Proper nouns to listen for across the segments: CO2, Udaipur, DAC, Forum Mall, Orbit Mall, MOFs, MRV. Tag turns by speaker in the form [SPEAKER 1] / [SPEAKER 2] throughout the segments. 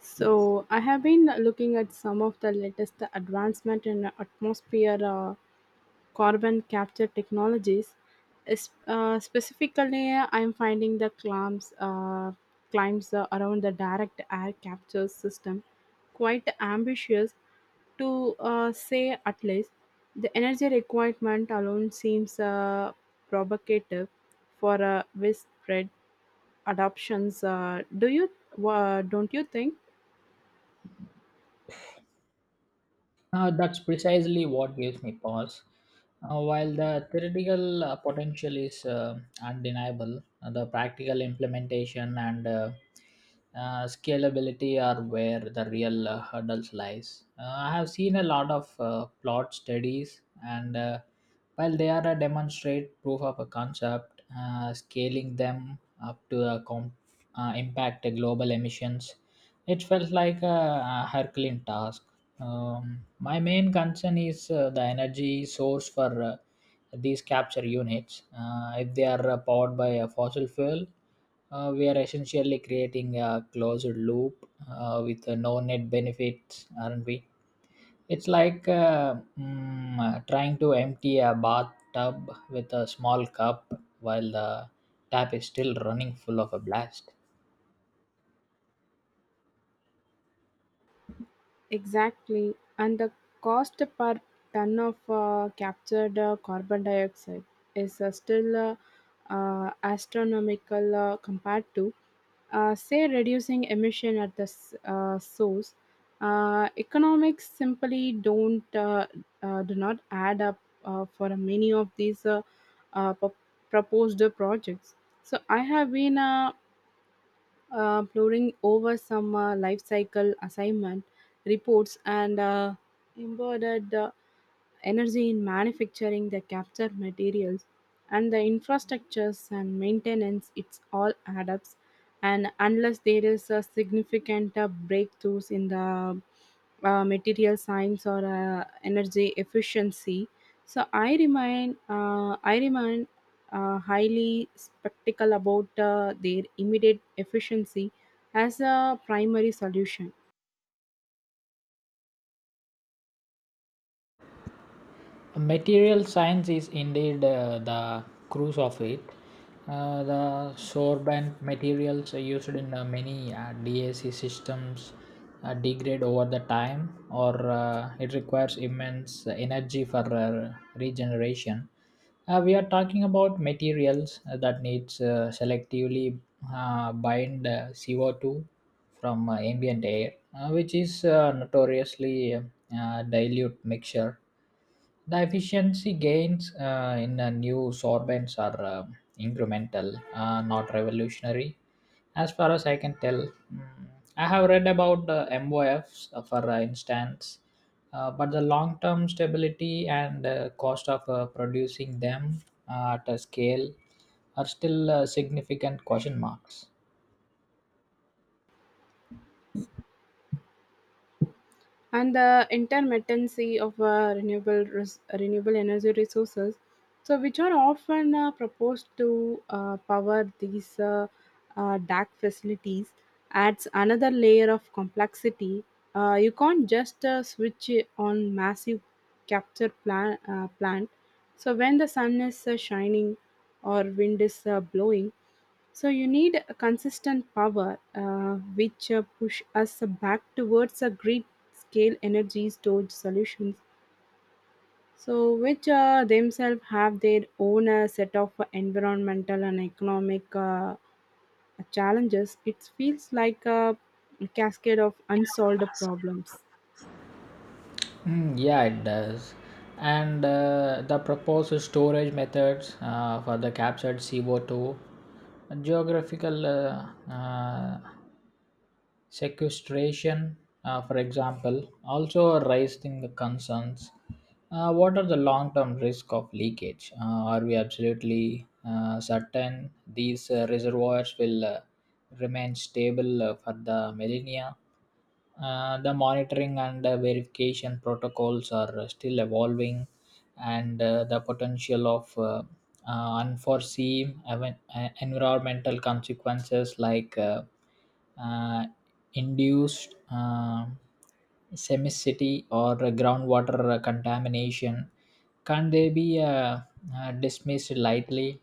[SPEAKER 1] So I have been looking at some of the latest advancement in atmosphere carbon capture technologies. Specifically, I'm finding the climbs around the direct air capture system quite ambitious to say at least. The energy requirement alone seems provocative for widespread adoptions. Do you Don't you think?
[SPEAKER 2] That's precisely what gives me pause. While the theoretical potential is undeniable, the practical implementation and scalability are where the real hurdles lies. I have seen a lot of plot studies, and while they are a demonstrate proof of a concept, scaling them up to a impact global emissions, it felt like a Herculean task. My main concern is the energy source for these capture units. If they are powered by a fossil fuel, we are essentially creating a closed loop with no net benefits, aren't we? It's like trying to empty a bathtub with a small cup while the tap is still running full of a blast.
[SPEAKER 1] Exactly, and the cost per ton of captured carbon dioxide is still astronomical compared to, say, reducing emission at the source. Economics simply don't do not add up for many of these uh, pro- proposed projects. So I have been pouring over some life cycle assignment reports and embroidered energy in manufacturing the capture materials, and the infrastructures and maintenance, it's all add ups. And unless there is a significant breakthroughs in the material science or energy efficiency, so I remain highly skeptical about their immediate efficiency as a primary solution.
[SPEAKER 2] Material science is indeed the cruise of it. The sorbent materials used in many DAC systems degrade over the time, or it requires immense energy for regeneration. We are talking about materials that needs selectively bind CO2 from ambient air, which is notoriously dilute mixture. The efficiency gains in new sorbents are incremental, not revolutionary. As far as I can tell, I have read about the MOFs, for instance, but the long term stability and cost of producing them at a scale are still significant question marks.
[SPEAKER 1] And the intermittency of renewable energy resources, so which are often proposed to power these DAC facilities, adds another layer of complexity. You can't just switch it on massive plant so when the sun is shining or wind is blowing, so you need a consistent power, which push us back towards a grid scale energy storage solutions. So which themselves have their own set of environmental and economic challenges. It feels like a cascade of unsolved problems.
[SPEAKER 2] Mm, yeah, it does. And the proposed storage methods for the captured CO2, geographical sequestration, for example, also raising the concerns. What are the long term risk of leakage? Are we absolutely certain these reservoirs will remain stable for the millennia? The monitoring and verification protocols are still evolving, and the potential of unforeseen environmental consequences like uh, induced semicity or groundwater contamination, can they be dismissed lightly?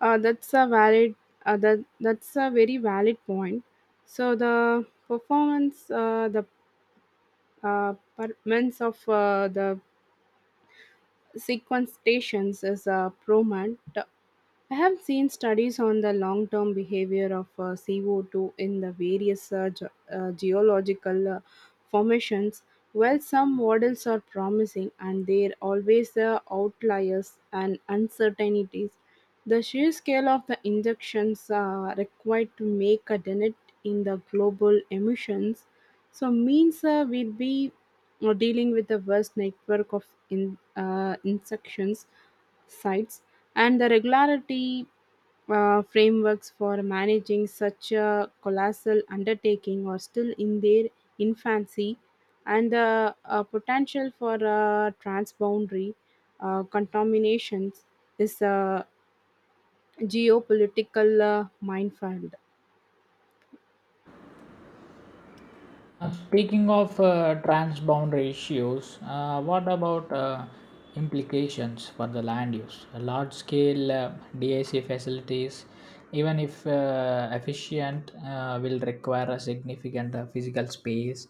[SPEAKER 1] That's a valid. That's a very valid point. So the uh, performance of the sequence stations is a prominent. I have seen studies on the long term behavior of CO2 in the various geological formations. While some models are promising and there are always outliers and uncertainties, the sheer scale of the injections required to make a dent in the global emissions so means we'll be dealing with a vast network of insections sites, and the regularity frameworks for managing such a colossal undertaking are still in their infancy, and the potential for transboundary contaminations is a geopolitical minefield.
[SPEAKER 2] Speaking of transboundary issues, what about implications for the land use? Large scale DAC facilities, even if efficient, will require a significant physical space,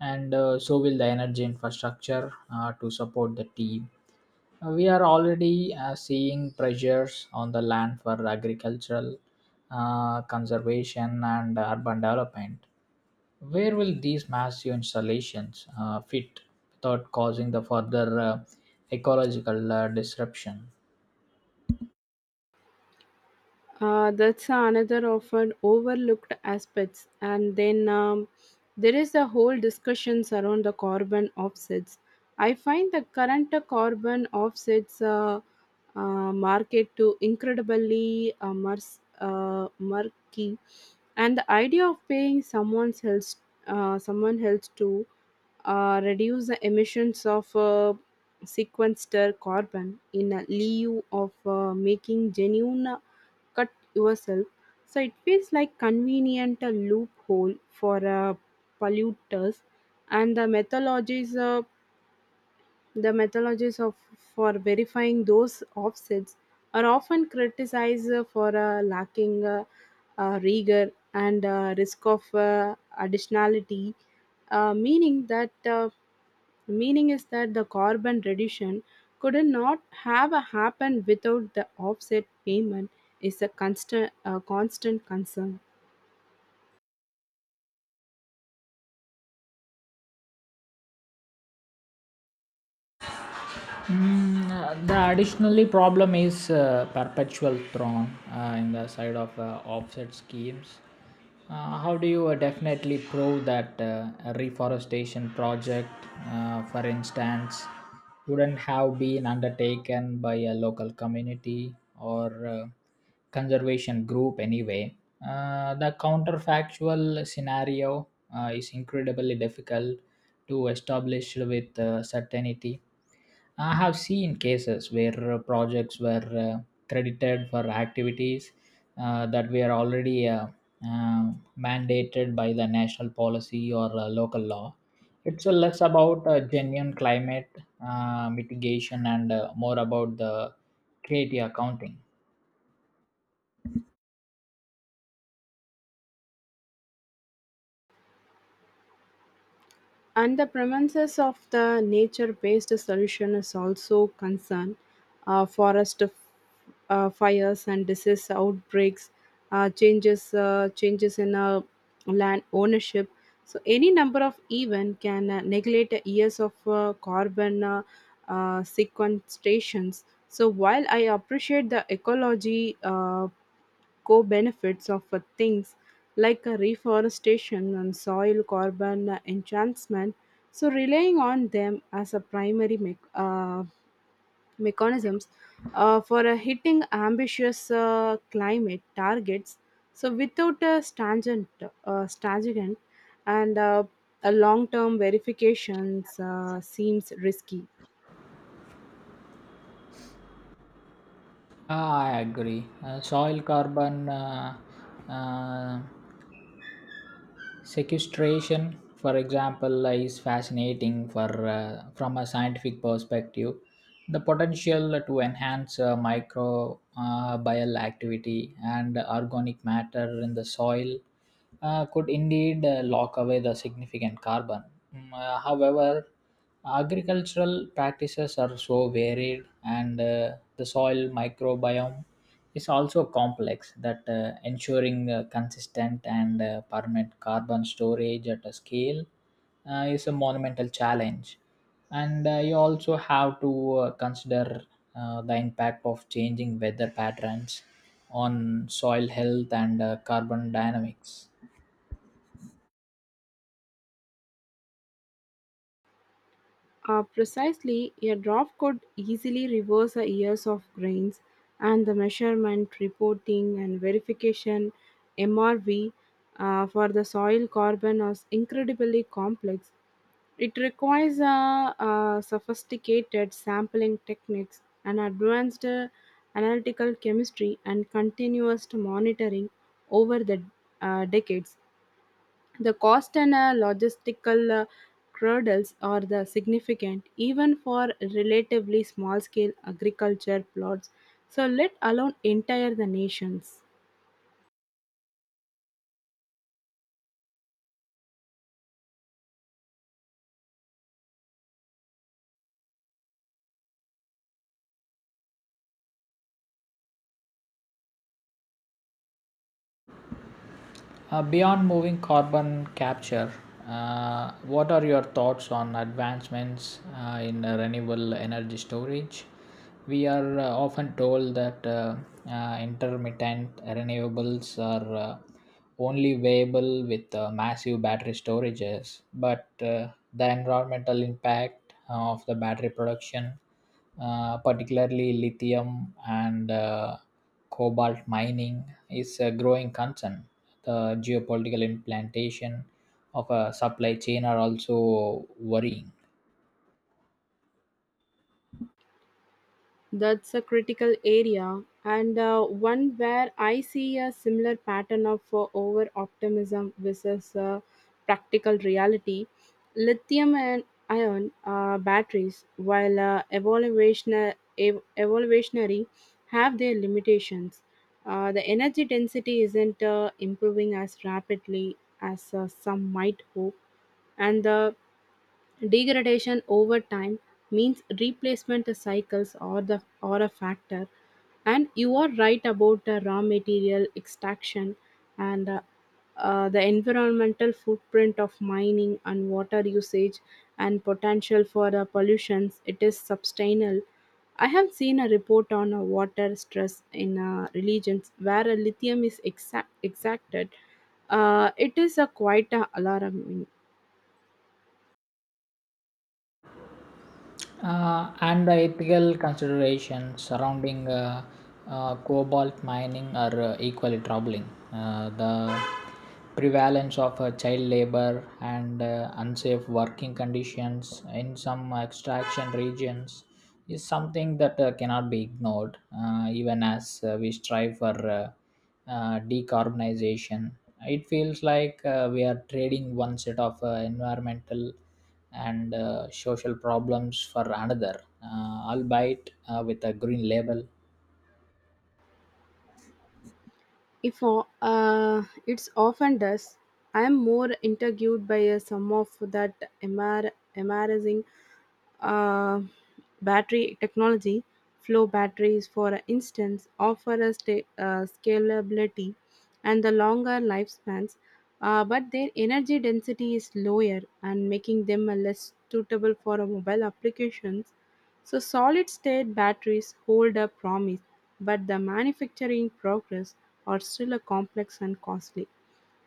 [SPEAKER 2] and so will the energy infrastructure to support the team. We are already seeing pressures on the land for agricultural conservation and urban development. Where will these massive installations fit without causing the further ecological disruption?
[SPEAKER 1] That's another often overlooked aspects. And then there is a whole discussions around the carbon offsets. I find the current carbon offsets market to incredibly murky, and the idea of paying someone else to reduce the emissions of sequestered carbon in a lieu of making genuine cut yourself. So it feels like convenient a loophole for polluters, and the methodologies of for verifying those offsets are often criticized for lacking rigor and risk of additionality, uh, meaning that. Uh, meaning is that the carbon reduction could not have happened without the offset payment is a constant concern.
[SPEAKER 2] Mm, the additionally problem is perpetual thorn in the side of offset schemes. How do you definitely prove that a reforestation project, for instance, wouldn't have been undertaken by a local community or conservation group anyway? The counterfactual scenario is incredibly difficult to establish with certainty. I have seen cases where projects were credited for activities that were already uh, mandated by the national policy or local law. It's less about genuine climate mitigation and more about the creative accounting.
[SPEAKER 1] And the premises of the nature based solution is also concern. uh, forest f- fires and disease outbreaks, changes in land ownership. So any number of event can neglect years of carbon sequestrations. So while I appreciate the ecology co-benefits of things like reforestation and soil carbon enhancement. So relying on them as a primary mech mechanisms for hitting ambitious climate targets. So without a stringent and a long-term verifications seems risky.
[SPEAKER 2] Ah, I agree. Soil carbon uh, sequestration, for example, is fascinating for from a scientific perspective. The potential to enhance microbial bial activity and organic matter in the soil could indeed lock away the significant carbon. However, agricultural practices are so varied, and the soil microbiome is also complex that ensuring consistent and permanent carbon storage at a scale is a monumental challenge, and you also have to consider the impact of changing weather patterns on soil health and carbon dynamics.
[SPEAKER 1] Precisely, a drop could easily reverse the years of grains, and the measurement, reporting, and verification (MRV) for the soil carbon is incredibly complex. It requires sophisticated sampling techniques, and advanced analytical chemistry, and continuous monitoring over the decades. The cost and logistical hurdles are the significant, even for relatively small-scale agriculture plots. So let alone entire the nations.
[SPEAKER 2] Beyond moving carbon capture, what are your thoughts on advancements in renewable energy storage? We are often told that intermittent renewables are only viable with massive battery storages, but the environmental impact of the battery production, particularly lithium and cobalt mining, is a growing concern. The geopolitical implantation of a supply chain are also worrying.
[SPEAKER 1] That's a critical area, and one where I see a similar pattern of over optimism versus practical reality. Lithium and ion batteries, while evaluationary, have their limitations. The energy density isn't improving as rapidly as some might hope, and the Degradation over time means replacement cycles or the or a factor, and you are right about the raw material extraction and the environmental footprint of mining and water usage and potential for the pollutions. It is substantial. I have seen a report on water stress in religions where a lithium is exacted. It is a quite alarming.
[SPEAKER 2] And the ethical considerations surrounding cobalt mining are equally troubling. The prevalence of child labor and unsafe working conditions in some extraction regions is something that cannot be ignored, even as we strive for decarbonization. It feels like we are trading one set of environmental and social problems for another, albeit with a green label.
[SPEAKER 1] If o- It's often does. I am more intrigued by some of that embarrassing uh, battery technology. Flow batteries, for instance, offer a scalability and the longer lifespans, but their energy density is lower and making them less suitable for mobile applications, so solid state batteries hold a promise, but the manufacturing progress are still a complex and costly.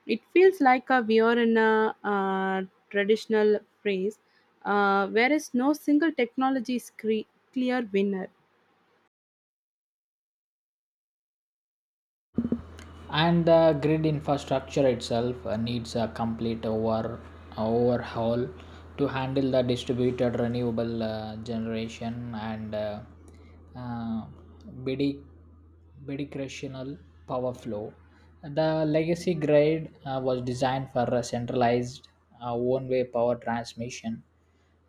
[SPEAKER 1] It feels like a we are in a traditional phase, whereas no single technology is clear winner.
[SPEAKER 2] And the grid infrastructure itself needs a complete overhaul to handle the distributed renewable generation and uh, bidic- bidirectional power flow. The legacy grid was designed for a centralized one-way power transmission,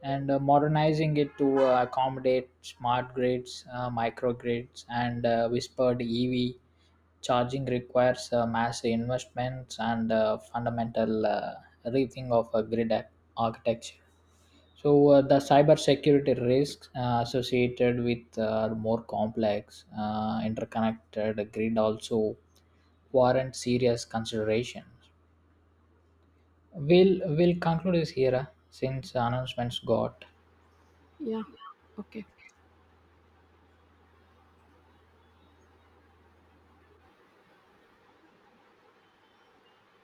[SPEAKER 2] and modernizing it to accommodate smart grids, microgrids, and whispered EV charging requires massive investments and fundamental rethink of a architecture. So the cybersecurity risks associated with more complex interconnected grid also warrant serious considerations. We'll conclude this here since announcements got
[SPEAKER 1] Yeah. Okay.